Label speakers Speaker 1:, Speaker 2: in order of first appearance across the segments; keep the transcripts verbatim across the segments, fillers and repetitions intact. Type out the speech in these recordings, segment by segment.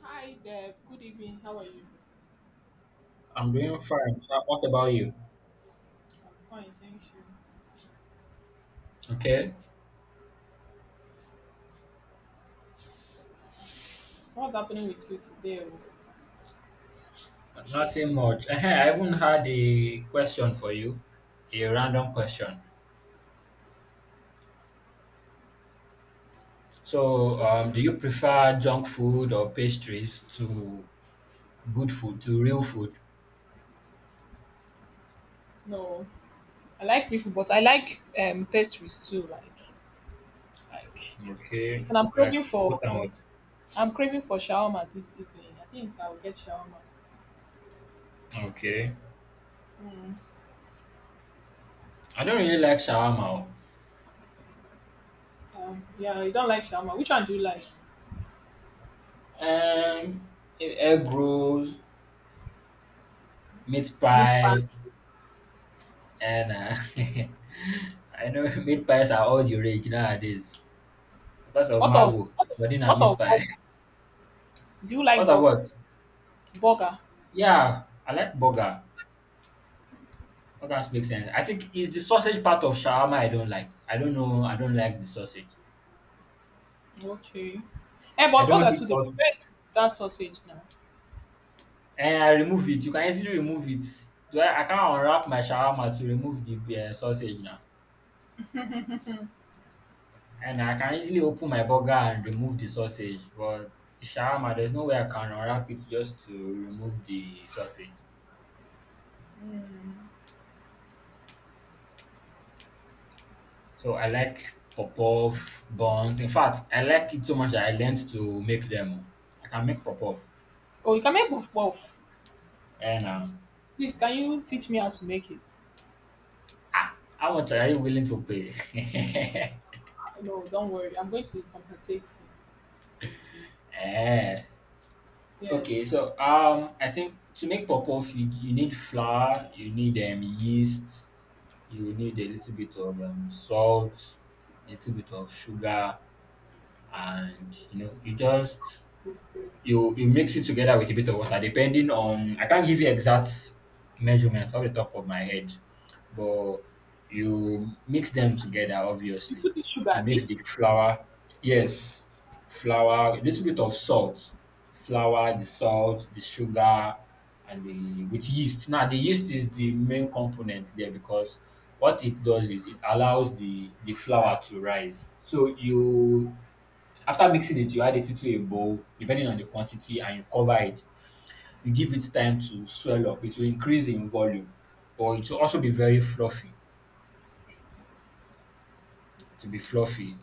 Speaker 1: Hi Dev, good evening. How are you?
Speaker 2: I'm doing fine. Uh, What about you?
Speaker 1: I'm fine, thank you.
Speaker 2: Okay,
Speaker 1: What's happening with you today? Oh?
Speaker 2: nothing much. Eh, I even had a question for you, a random question. So, um, do you prefer junk food or pastries to good food, to real food?
Speaker 1: No, I like people, but I like um pastries too. Like, like if
Speaker 2: Okay,
Speaker 1: I'm
Speaker 2: like
Speaker 1: craving for,
Speaker 2: what and what?
Speaker 1: I'm craving for shawarma this evening. I think I'll get shawarma.
Speaker 2: Okay, I don't really like shawarma. Oh.
Speaker 1: Um, yeah, you don't like shawarma. Which one do you like?
Speaker 2: Um, e- Egg rolls, meat
Speaker 1: Meat pie.
Speaker 2: pie, and uh, I know meat pies are all the rage nowadays because of
Speaker 1: What of
Speaker 2: Marvel.
Speaker 1: what of,
Speaker 2: But then, I
Speaker 1: what
Speaker 2: meat
Speaker 1: of
Speaker 2: pie.
Speaker 1: burger? Do you
Speaker 2: What
Speaker 1: like burger?
Speaker 2: about?
Speaker 1: Burger.
Speaker 2: Yeah, I like burger. Burgers make sense. I think it's the sausage part of shawarma I don't like. I don't know. I don't like the sausage.
Speaker 1: Okay. Eh,
Speaker 2: I
Speaker 1: but
Speaker 2: don't
Speaker 1: burger too.
Speaker 2: eat
Speaker 1: They
Speaker 2: sausage.
Speaker 1: prepare it with that sausage now.
Speaker 2: And I remove it. You can easily remove it. Do I, I can't unwrap my shawarma to remove the uh, sausage now. And I can easily open my burger and remove the sausage. But the shawarma, there's no way I can unwrap it just to remove the sausage. So I like pop-off buns. In fact, I like it so much that I learned to make them. I can make pop-off.
Speaker 1: Oh, you can make both both.
Speaker 2: Eh now.
Speaker 1: Please, can you teach me how to make it?
Speaker 2: Ah, how much are you willing to pay?
Speaker 1: No, don't worry. I'm going to compensate you.
Speaker 2: eh. Okay,
Speaker 1: Yes.
Speaker 2: so um I think to make puff you, you need flour, you need um yeast, you need a little bit of um salt, a little bit of sugar, and you know, you just you you mix it together with a bit of water, depending on. I can't give you exact measurements off the top of my head, but you mix them together,
Speaker 1: You
Speaker 2: obviously.
Speaker 1: put in sugar,
Speaker 2: You mix
Speaker 1: B?
Speaker 2: the flour, yes, flour, a little bit of salt, flour, the salt, the sugar, and the with yeast. Now the yeast is the main component there because what it does is it allows the the flour to rise. So you, after mixing it, you add it into a bowl depending on the quantity and you cover it. You give it time to swell up. It will increase in volume, but it will also be very fluffy. To be fluffy.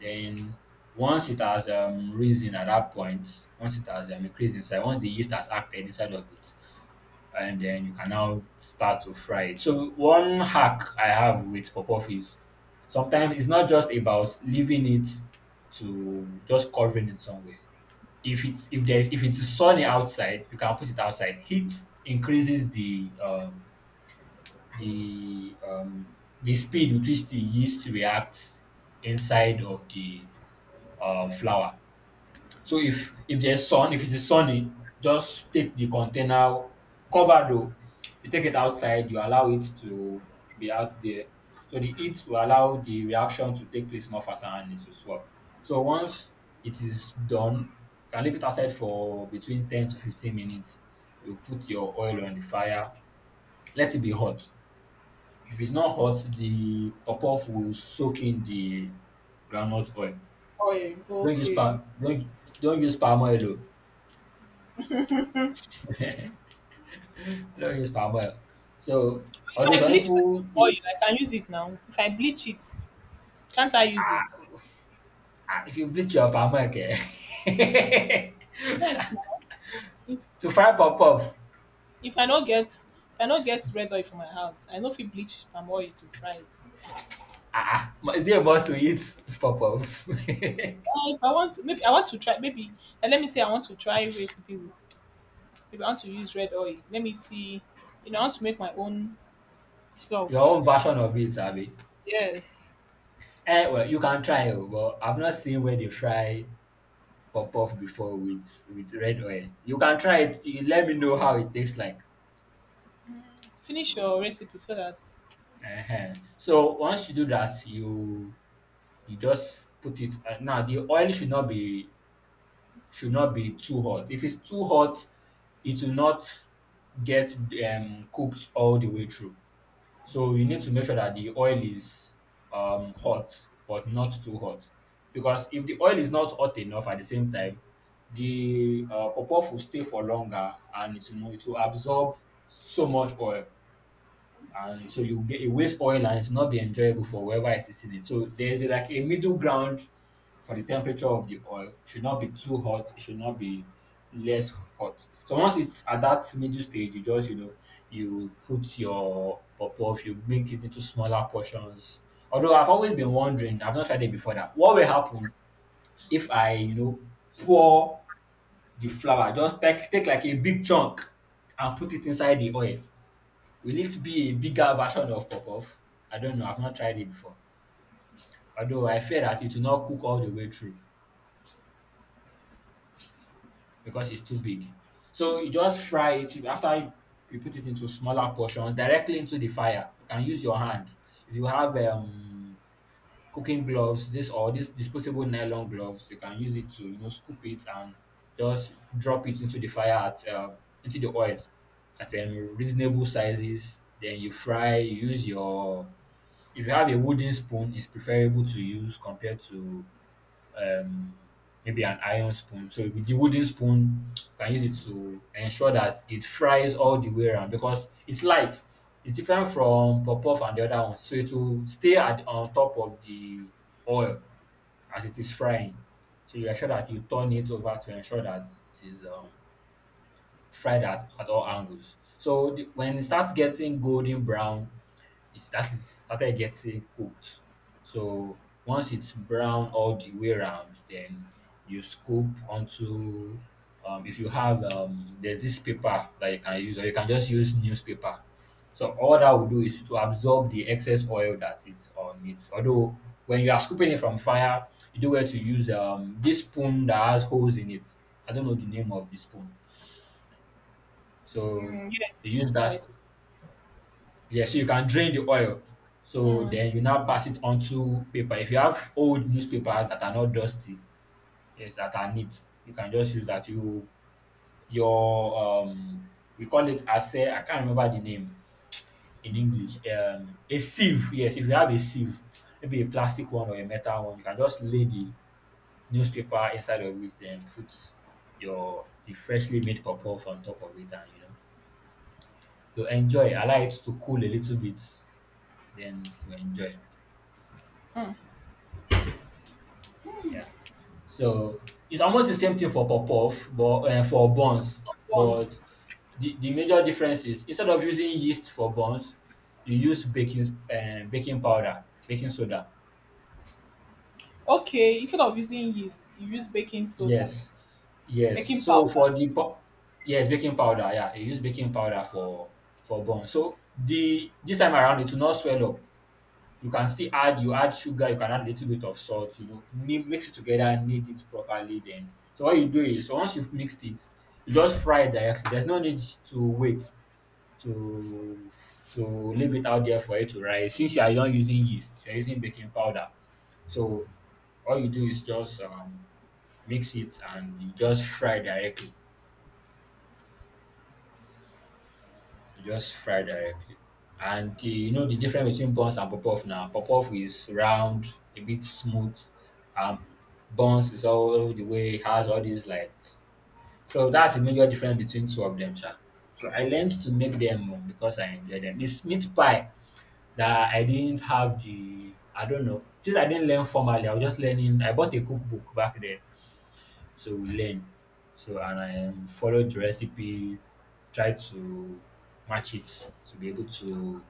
Speaker 2: Then once it has um, risen at that point, once it has um, increased inside, once the yeast has acted inside of it, and then you can now start to fry it. So one hack I have with puff is sometimes it's not just about leaving it to just covering it somewhere. if it's if there's if it's sunny outside, you can put it outside. Heat increases the um, the um, the speed with which the yeast reacts inside of the uh, flour. So if if there's sun, if it is sunny, just take the container, covered though. You take it outside, you allow it to be out there. So the heat will allow the reaction to take place more faster and it will swap. So once it is done, you can leave it outside for between ten to fifteen minutes. You put your oil on the fire, let it be hot. If it's not hot, the puff will soak in the groundnut oil.
Speaker 1: Oil.
Speaker 2: Don't use
Speaker 1: Okay.
Speaker 2: palm don't don't use palm oil o. I don't use palm oil. So,
Speaker 1: If
Speaker 2: although
Speaker 1: I
Speaker 2: some
Speaker 1: bleach my palm
Speaker 2: people,
Speaker 1: oil,
Speaker 2: you,
Speaker 1: I can use it now. If I bleach it, can't I use it?
Speaker 2: ah, if you bleach your palm oil, okay,
Speaker 1: Yes, now. If,
Speaker 2: to fry pop up,
Speaker 1: if I don't get if I don't get red oil for my house, I know if you bleach palm oil to fry it.
Speaker 2: ah, ah, is it a must to eat pop up?
Speaker 1: Uh, if I want maybe I want to try maybe and let me say I want to try recipe with maybe I want to use red oil. Let me see. You know, I want to make my own
Speaker 2: Your
Speaker 1: stuff.
Speaker 2: own version of it, Abby.
Speaker 1: Yes.
Speaker 2: Eh, well, you can try, oh, but I've not seen where they fry pop off before with with red oil. You can try it. You let me know how it tastes like.
Speaker 1: Finish your recipe so that
Speaker 2: Ehen. So once you do that, you you just put it. Uh, now the oil should not be should not be too hot. If it's too hot, it will not get um, cooked all the way through. So you need to make sure that the oil is um, hot, but not too hot. Because if the oil is not hot enough at the same time, the uh, pawpaw will stay for longer and it, will- it will absorb so much oil, and so you get, you waste oil and it's not be enjoyable for whoever is eating it. So there's a, like a middle ground for the temperature of the oil. It should not be too hot. It should not be less hot. So once it's at that middle stage, you just, you know, you put your puff, you make it into smaller portions. Although I've always been wondering, I've not tried it before, that what will happen if I, you know, pour the flour, just take, take like a big chunk and put it inside the oil. Will it be a bigger version of Popof? I don't know. I've not tried it before. Although I fear that it will not cook all the way through because it's too big. So you just fry it. After you put it into smaller portions directly into the fire, you can use your hand. If you have um, cooking gloves, this or this disposable nylon gloves, you can use it to, you know, scoop it and just drop it into the fire at um, into the oil at um, reasonable sizes. Then you fry. You use your. If you have a wooden spoon, it's preferable to use compared to um, maybe an iron spoon. So with the wooden spoon, you can use it to ensure that it fries all the way around because it's light. It's different from pop puff and the other ones. So it will stay at, on top of the oil as it is frying. So you ensure that you turn it over to ensure that it is um, fried at, at all angles. So the, when it starts getting golden brown, it's that is started getting cooked. So once it's brown all the way around, then you scoop onto um, if you have um, there's this paper that you can use, or you can just use newspaper. So all that will do is to absorb the excess oil that is on it. Although when you are scooping it from fire, you do well to use um, this spoon that has holes in it. I don't know the name of the spoon. So
Speaker 1: mm,
Speaker 2: they
Speaker 1: yes,
Speaker 2: use
Speaker 1: so that
Speaker 2: that.
Speaker 1: it's
Speaker 2: Yes, so you can drain the oil. So
Speaker 1: mm,
Speaker 2: then you now pass it onto paper. If you have old newspapers that are not dusty, yes, that are neat, you can just use that. You your um we call it ase, I can't remember the name in English. Um a sieve, yes, if you have a sieve, maybe a plastic one or a metal one, you can just lay the newspaper inside of it, then put your the freshly made puff on top of it and you know you enjoy. Allow it to cool a little bit, then you enjoy. Yeah. So it's almost the same thing for Popov, but uh, for buns. But
Speaker 1: once
Speaker 2: the, the major difference is instead of using yeast for buns, you use baking uh, baking powder, baking soda.
Speaker 1: okay, instead of using yeast you use baking soda,
Speaker 2: Yes, yes.
Speaker 1: baking
Speaker 2: So
Speaker 1: powder.
Speaker 2: for the pop, yes, baking powder. Yeah, you use baking powder for for buns. So the this time around, it will not swell up. You can still add you add sugar, you can add a little bit of salt, you know, mi- mix it together, knead it properly then. So what you do is, so once you've mixed it, you just fry it directly. There's no need to wait to to leave it out there for it to rise. Since you are not using yeast, you're using baking powder. So all you do is just um, mix it and you just fry directly. You just fry directly. And the, you know, the difference between buns and pop off now. Pop off is round, a bit smooth, and buns is all the way, it has all these like. So that's the major difference between two of them, sha. So I learned to make them more because I enjoy them. This meat pie that I didn't have the, I don't know. Since I didn't learn formally, I was just learning. I bought a cookbook back then to learn. So, and I um, followed the recipe, tried to match it to be able to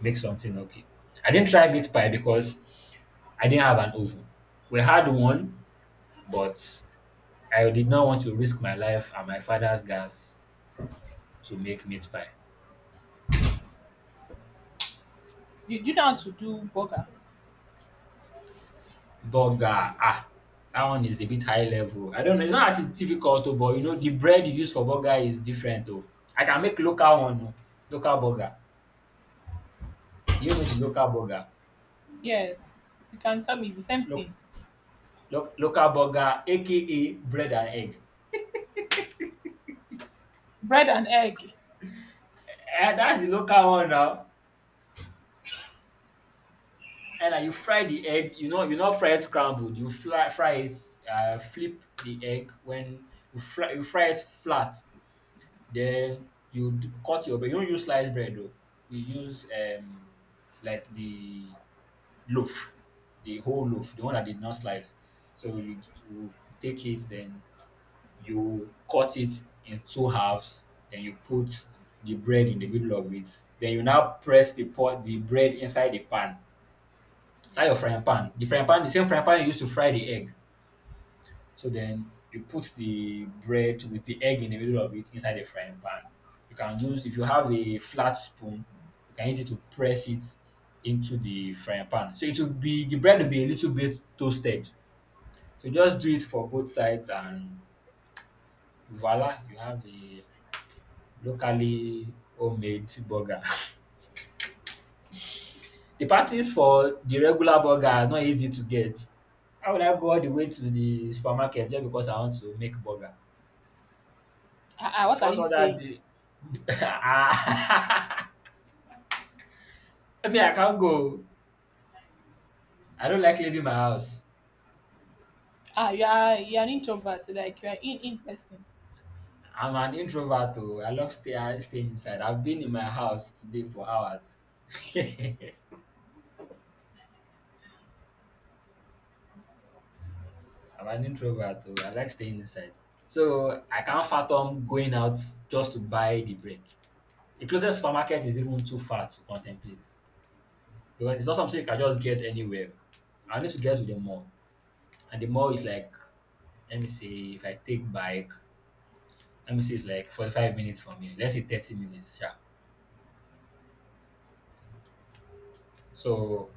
Speaker 2: make something okay. I didn't try meat pie because I didn't have an oven. We had one, but I did not want to risk my life and my father's gas to make meat pie.
Speaker 1: You do know how to do burger?
Speaker 2: Burger, ah, that one is a bit high level. I don't know, it's not that it's difficult, oh, but you know, the bread you use for burger is different. Oh. I can make local one, oh, local burger. Do you know the local burger?
Speaker 1: Yes, you can tell me it's the same
Speaker 2: Look,
Speaker 1: thing.
Speaker 2: Lo- local burger aka bread and egg.
Speaker 1: Bread and egg.
Speaker 2: And that's the local one now. And uh, you fry the egg, you know, you not fry it scrambled. You fly, fry it, uh, flip the egg when you fry, you fry it flat. Then you d- cut your bread. You don't use sliced bread though. You use um like the loaf, the whole loaf, the one that did not slice. So you, you take it, then you cut it in two halves, then you put the bread in the middle of it. Then you now press the pot the bread inside the pan, inside your frying pan. The frying pan, the same frying pan you used to fry the egg. So then you put the bread with the egg in the middle of it inside the frying pan. You can use if you have a flat spoon, you can use it to press it into the frying pan. So it will be the bread will be a little bit toasted. So just do it for both sides and voila, you have a locally homemade burger. The patties for the regular burger are not easy to get. How would I go all the way to the supermarket just because I want to make burger?
Speaker 1: Ah, ah,
Speaker 2: It
Speaker 1: what are
Speaker 2: falls
Speaker 1: you
Speaker 2: under
Speaker 1: saying?
Speaker 2: the Ah! Me, I can't go. I don't like leaving my house.
Speaker 1: Ah, you are, you are an introvert, like you are in in person.
Speaker 2: I'm an introvert oh. I love stay staying inside. I've been in my house today for hours. I'm an introvert oh. I like staying inside. So I can't fathom going out just to buy the bread. The closest supermarket is even too far to contemplate because it's not something you can just get anywhere. I need to get to the mall, and the mall is like, let me see, if I take bike, let me see, it's like forty-five minutes from here. Let's say thirty minutes, yeah. So,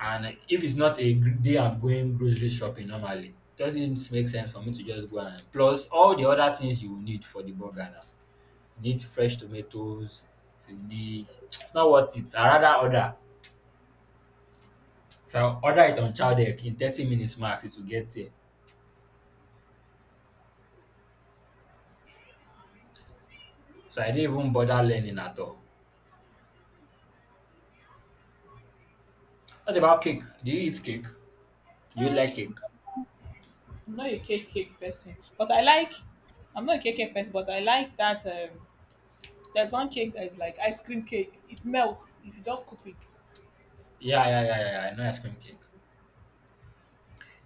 Speaker 2: and if it's not a gr- day I'm going grocery shopping normally, it doesn't make sense for me to just go and plus all the other things you will need for the burger now. You need fresh tomatoes, you need it's not worth it. I rather order if I order it on chowdeck in thirty minutes max it will get here. So I didn't even bother learning at all. What about cake? Do you eat cake? Do you like cake?
Speaker 1: I'm not a cake cake person but I like I'm not a cake cake person, but I like that um there's one cake that is like ice cream cake, it melts if you just cook it.
Speaker 2: Yeah, yeah, yeah, yeah, yeah, I know ice cream cake.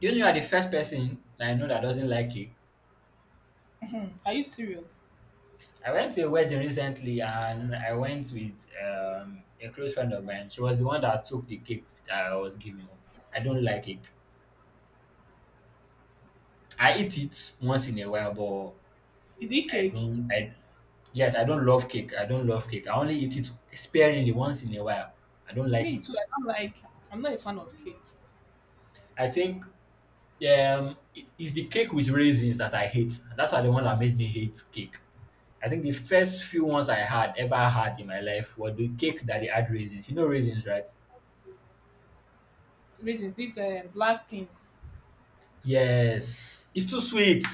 Speaker 2: You know, you are the first person that I know that doesn't like cake.
Speaker 1: Are you serious?
Speaker 2: I went to a wedding recently and I went with um a close friend of mine. She was the one that took the cake that I was giving her. I don't like cake. I eat it once in a while, but
Speaker 1: Is it
Speaker 2: I
Speaker 1: cake?
Speaker 2: don't I Yes, I don't love cake. I don't love cake. I only eat it sparingly once in a while. I don't like
Speaker 1: Me too.
Speaker 2: it.
Speaker 1: I don't like. I'm not a fan of cake.
Speaker 2: I think um it- it's the cake with raisins that I hate. That's why, the one that made me hate cake. I think the first few ones I had ever had in my life were the cake that they had raisins. You know raisins, right?
Speaker 1: Reasons, these uh, black things,
Speaker 2: Yes. It's too sweet.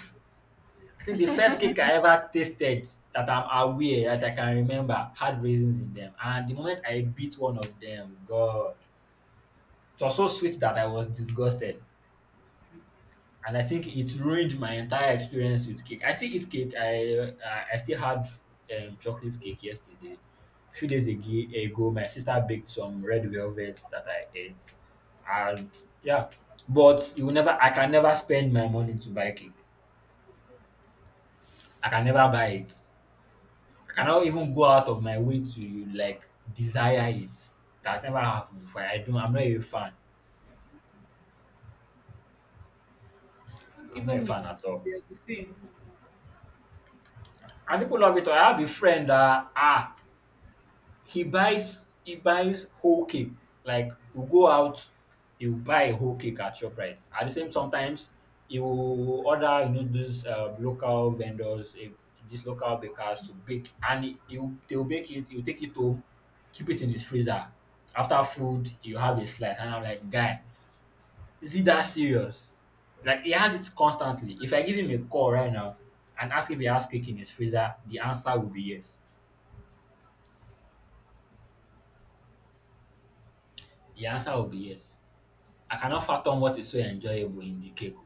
Speaker 2: I think the first cake I ever tasted that I'm aware that I can remember had raisins in them. And the moment I bit one of them, God, it was so sweet that I was disgusted. And I think it ruined my entire experience with cake. I still eat cake. I uh, I still had um, chocolate cake yesterday. A few days ag- ago, my sister baked some red velvet that I ate, and yeah, but you will never. I can never spend my money to buy cake. I can never buy it. I cannot even go out of my way to like desire it. That never happened before. I don't. I'm not a fan. I'm not a
Speaker 1: even me
Speaker 2: fan
Speaker 1: too.
Speaker 2: at all.
Speaker 1: They're the same.
Speaker 2: And people love it. I have a friend that ah, He buys he buys whole cake. Like, we go out, he'll buy a whole cake at ShopRite. At the same sometimes he will order, you know, those, um, local vendors, eh, these local bakers to bake, and he he'll they'll bake it, he'll take it home, keep it in his freezer. After food, you have a slice and I'm like, "Guy, is it that serious?" Like, he has it constantly. If I give him a call right now and ask if he has cake in his freezer, the answer will be yes. The answer will be yes. I cannot fathom what is so enjoyable in the cake. Oh.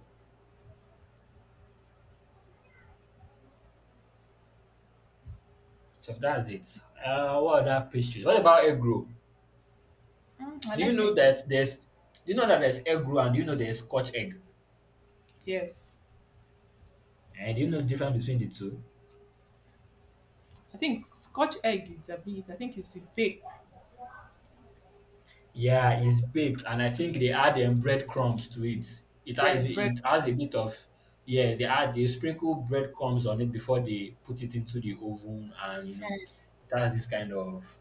Speaker 2: So that's it. Uh, what other pastry? What about egg roll?
Speaker 1: Mm, I
Speaker 2: Do you
Speaker 1: like
Speaker 2: know
Speaker 1: egg roll.
Speaker 2: that there's do you know that there's egg roll, and do you know there's Scotch egg?
Speaker 1: Yes,
Speaker 2: And do you know the difference between the two?
Speaker 1: I think Scotch egg is a bit. I think it's baked.
Speaker 2: Yeah, it's baked and I think they add um, breadcrumbs to it. It
Speaker 1: Yeah,
Speaker 2: has
Speaker 1: it's bread.
Speaker 2: it has a bit of yeah, they add they sprinkle breadcrumbs on it before they put it into the oven and you know it has this kind of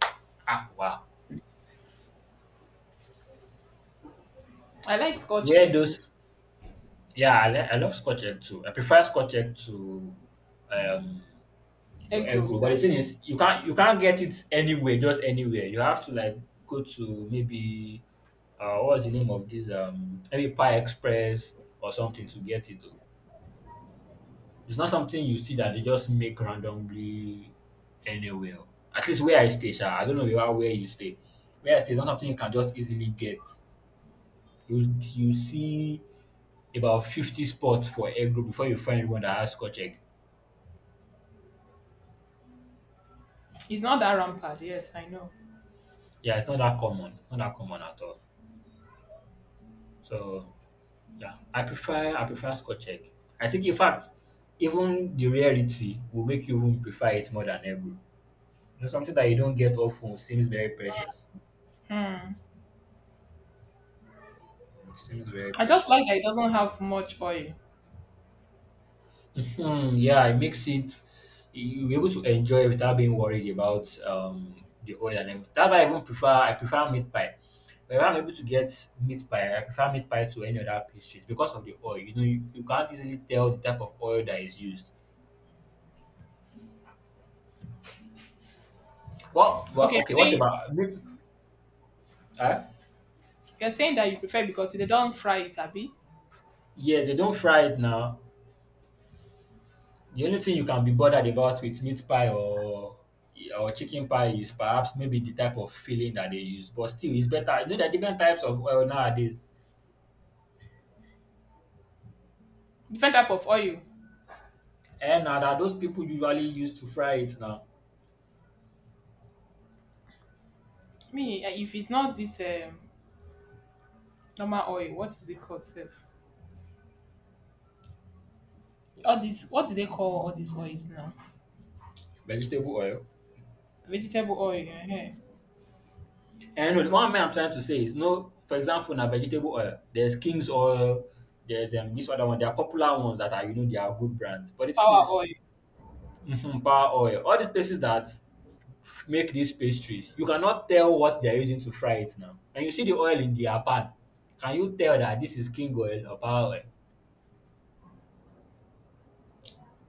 Speaker 2: ah wow.
Speaker 1: I like Scotch
Speaker 2: Where
Speaker 1: egg roll.
Speaker 2: those Yeah, I, li- I love Scotch egg too. I prefer Scotch egg to um to
Speaker 1: Egg
Speaker 2: egg
Speaker 1: roll
Speaker 2: roll. But the thing
Speaker 1: serves.
Speaker 2: is, you can't you can't get it anywhere, just anywhere. You have to like go to maybe uh what's the name of this um maybe Pie Express or something to get it though. It's not something you see that they just make randomly anywhere. At least where I stay, sha, I don't know where where you stay. Where I stay is not something you can just easily get. You you see about fifty spots for egg roll before you find one that has Scotch egg.
Speaker 1: It's not that rampant. Yes, I know.
Speaker 2: Yeah, it's not that common, not that common at all. So yeah, I prefer I prefer Scotch egg. I think in fact, even the rarity will make you even prefer it more than ever. You know, something that you don't get often seems very precious. It seems very
Speaker 1: I just like
Speaker 2: precious.
Speaker 1: that it doesn't have much oil.
Speaker 2: Hmm, yeah, it makes it you- you're able to enjoy without being worried about um the oil and everything. That's why I even prefer I prefer meat pie. Whenever I'm able to get meat pie, I prefer meat pie to any other pastries because of the oil. You know, you, you can't easily tell the type of oil that is used. Well, well
Speaker 1: Okay,
Speaker 2: okay,
Speaker 1: you're
Speaker 2: what
Speaker 1: saying
Speaker 2: about meat? Huh?
Speaker 1: you're saying that you prefer because they don't fry it, Abby.
Speaker 2: Yeah, they don't fry it now. The only thing you can be bothered about with meat pie or or chicken pie is perhaps maybe the type of filling that they use. But still, it's better. You know, there are different types of oil nowadays.
Speaker 1: Different type of oil.
Speaker 2: And now that those people usually use to fry it now.
Speaker 1: Me, eh, if it's not this um, normal oil, what is it called sef, all this, what do they call all these oils now,
Speaker 2: Vegetable oil.
Speaker 1: vegetable oil ehen,
Speaker 2: And no, the one thing I'm trying to say is no. For example, now vegetable oil. There's King's oil. There's um, this other one. There are popular ones that are you know they are good brands. But the thing
Speaker 1: power
Speaker 2: is,
Speaker 1: oil.
Speaker 2: mhm, power oil. All these places that f- make these pastries, you cannot tell what they are using to fry it now. And you see the oil in their pan. Can you tell that this is King oil or power oil?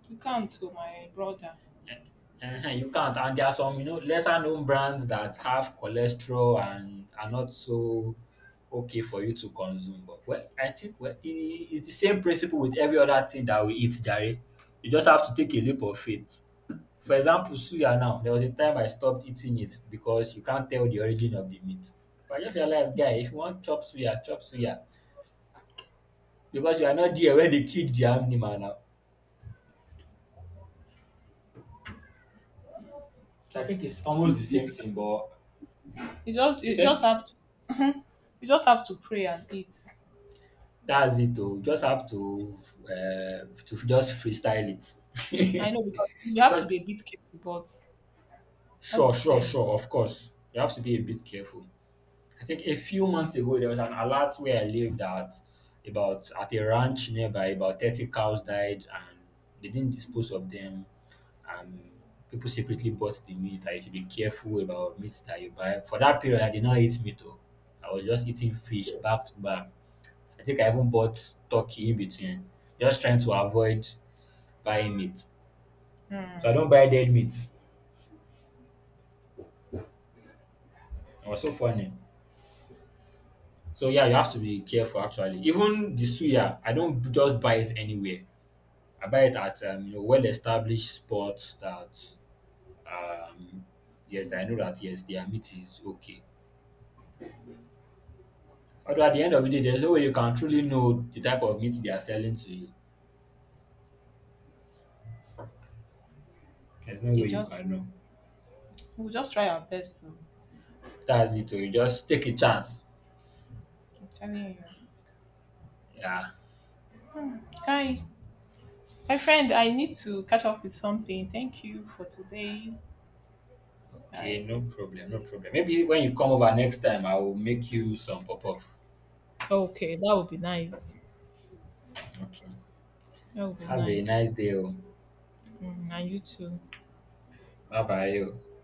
Speaker 1: You calm to my brother.
Speaker 2: Uh-huh, you can't. And there are some, you know, lesser known brands that have cholesterol and are not so okay for you to consume. But well, I think well, i- i- it's the same principle with every other thing that we eat, Jerry. You just have to take a leap of faith. For example, suya now, there was a time I stopped eating it because you can't tell the origin of the meat. But I just realized, guy, if you want chop suya, chop suya. Because you are not there when they killed the animal now. I think it's almost
Speaker 1: See,
Speaker 2: the same
Speaker 1: this,
Speaker 2: thing, but
Speaker 1: you just
Speaker 2: you
Speaker 1: you just
Speaker 2: said
Speaker 1: have to, you just have to pray and eat.
Speaker 2: that's it oh. You just have to uh, to just freestyle it.
Speaker 1: I know, because you have to
Speaker 2: Because
Speaker 1: be a bit careful, but all the
Speaker 2: sure, sure,
Speaker 1: same,
Speaker 2: sure, of course, you have to be a bit careful. I think a few months ago there was an alert where I lived at about at a ranch nearby, about thirty cows died and they didn't dispose of them and people secretly bought the meat. I should be careful about meat that you buy. For that period I did not eat meat oh. I was just eating fish back to back. I think I even bought turkey in between, just trying to avoid buying meat. So I don't buy dead meat. It was so funny. So yeah, you have to be careful actually. Even the suya, I don't b- just buy it anywhere. I buy it at um, you know well-established spots that um yes, I know that yes, their meat is okay. Although at the end of the day, there's no way you can truly know the type of meat they are selling to you. There's no way
Speaker 1: it
Speaker 2: you can
Speaker 1: just,
Speaker 2: know.
Speaker 1: we'll just try our best. So
Speaker 2: That's it. Oh, you just take a chance.
Speaker 1: I'm telling you.
Speaker 2: Yeah.
Speaker 1: Hi, my friend, I need to catch up with something. Thank you for today.
Speaker 2: Okay,
Speaker 1: I,
Speaker 2: no problem, no problem. Maybe when you come over next time, I will make you some pop-up.
Speaker 1: okay, that would be nice.
Speaker 2: Okay.
Speaker 1: That would be
Speaker 2: Have a nice
Speaker 1: nice.
Speaker 2: day. Oh.
Speaker 1: Mm, and you too.
Speaker 2: Bye-bye. Oh.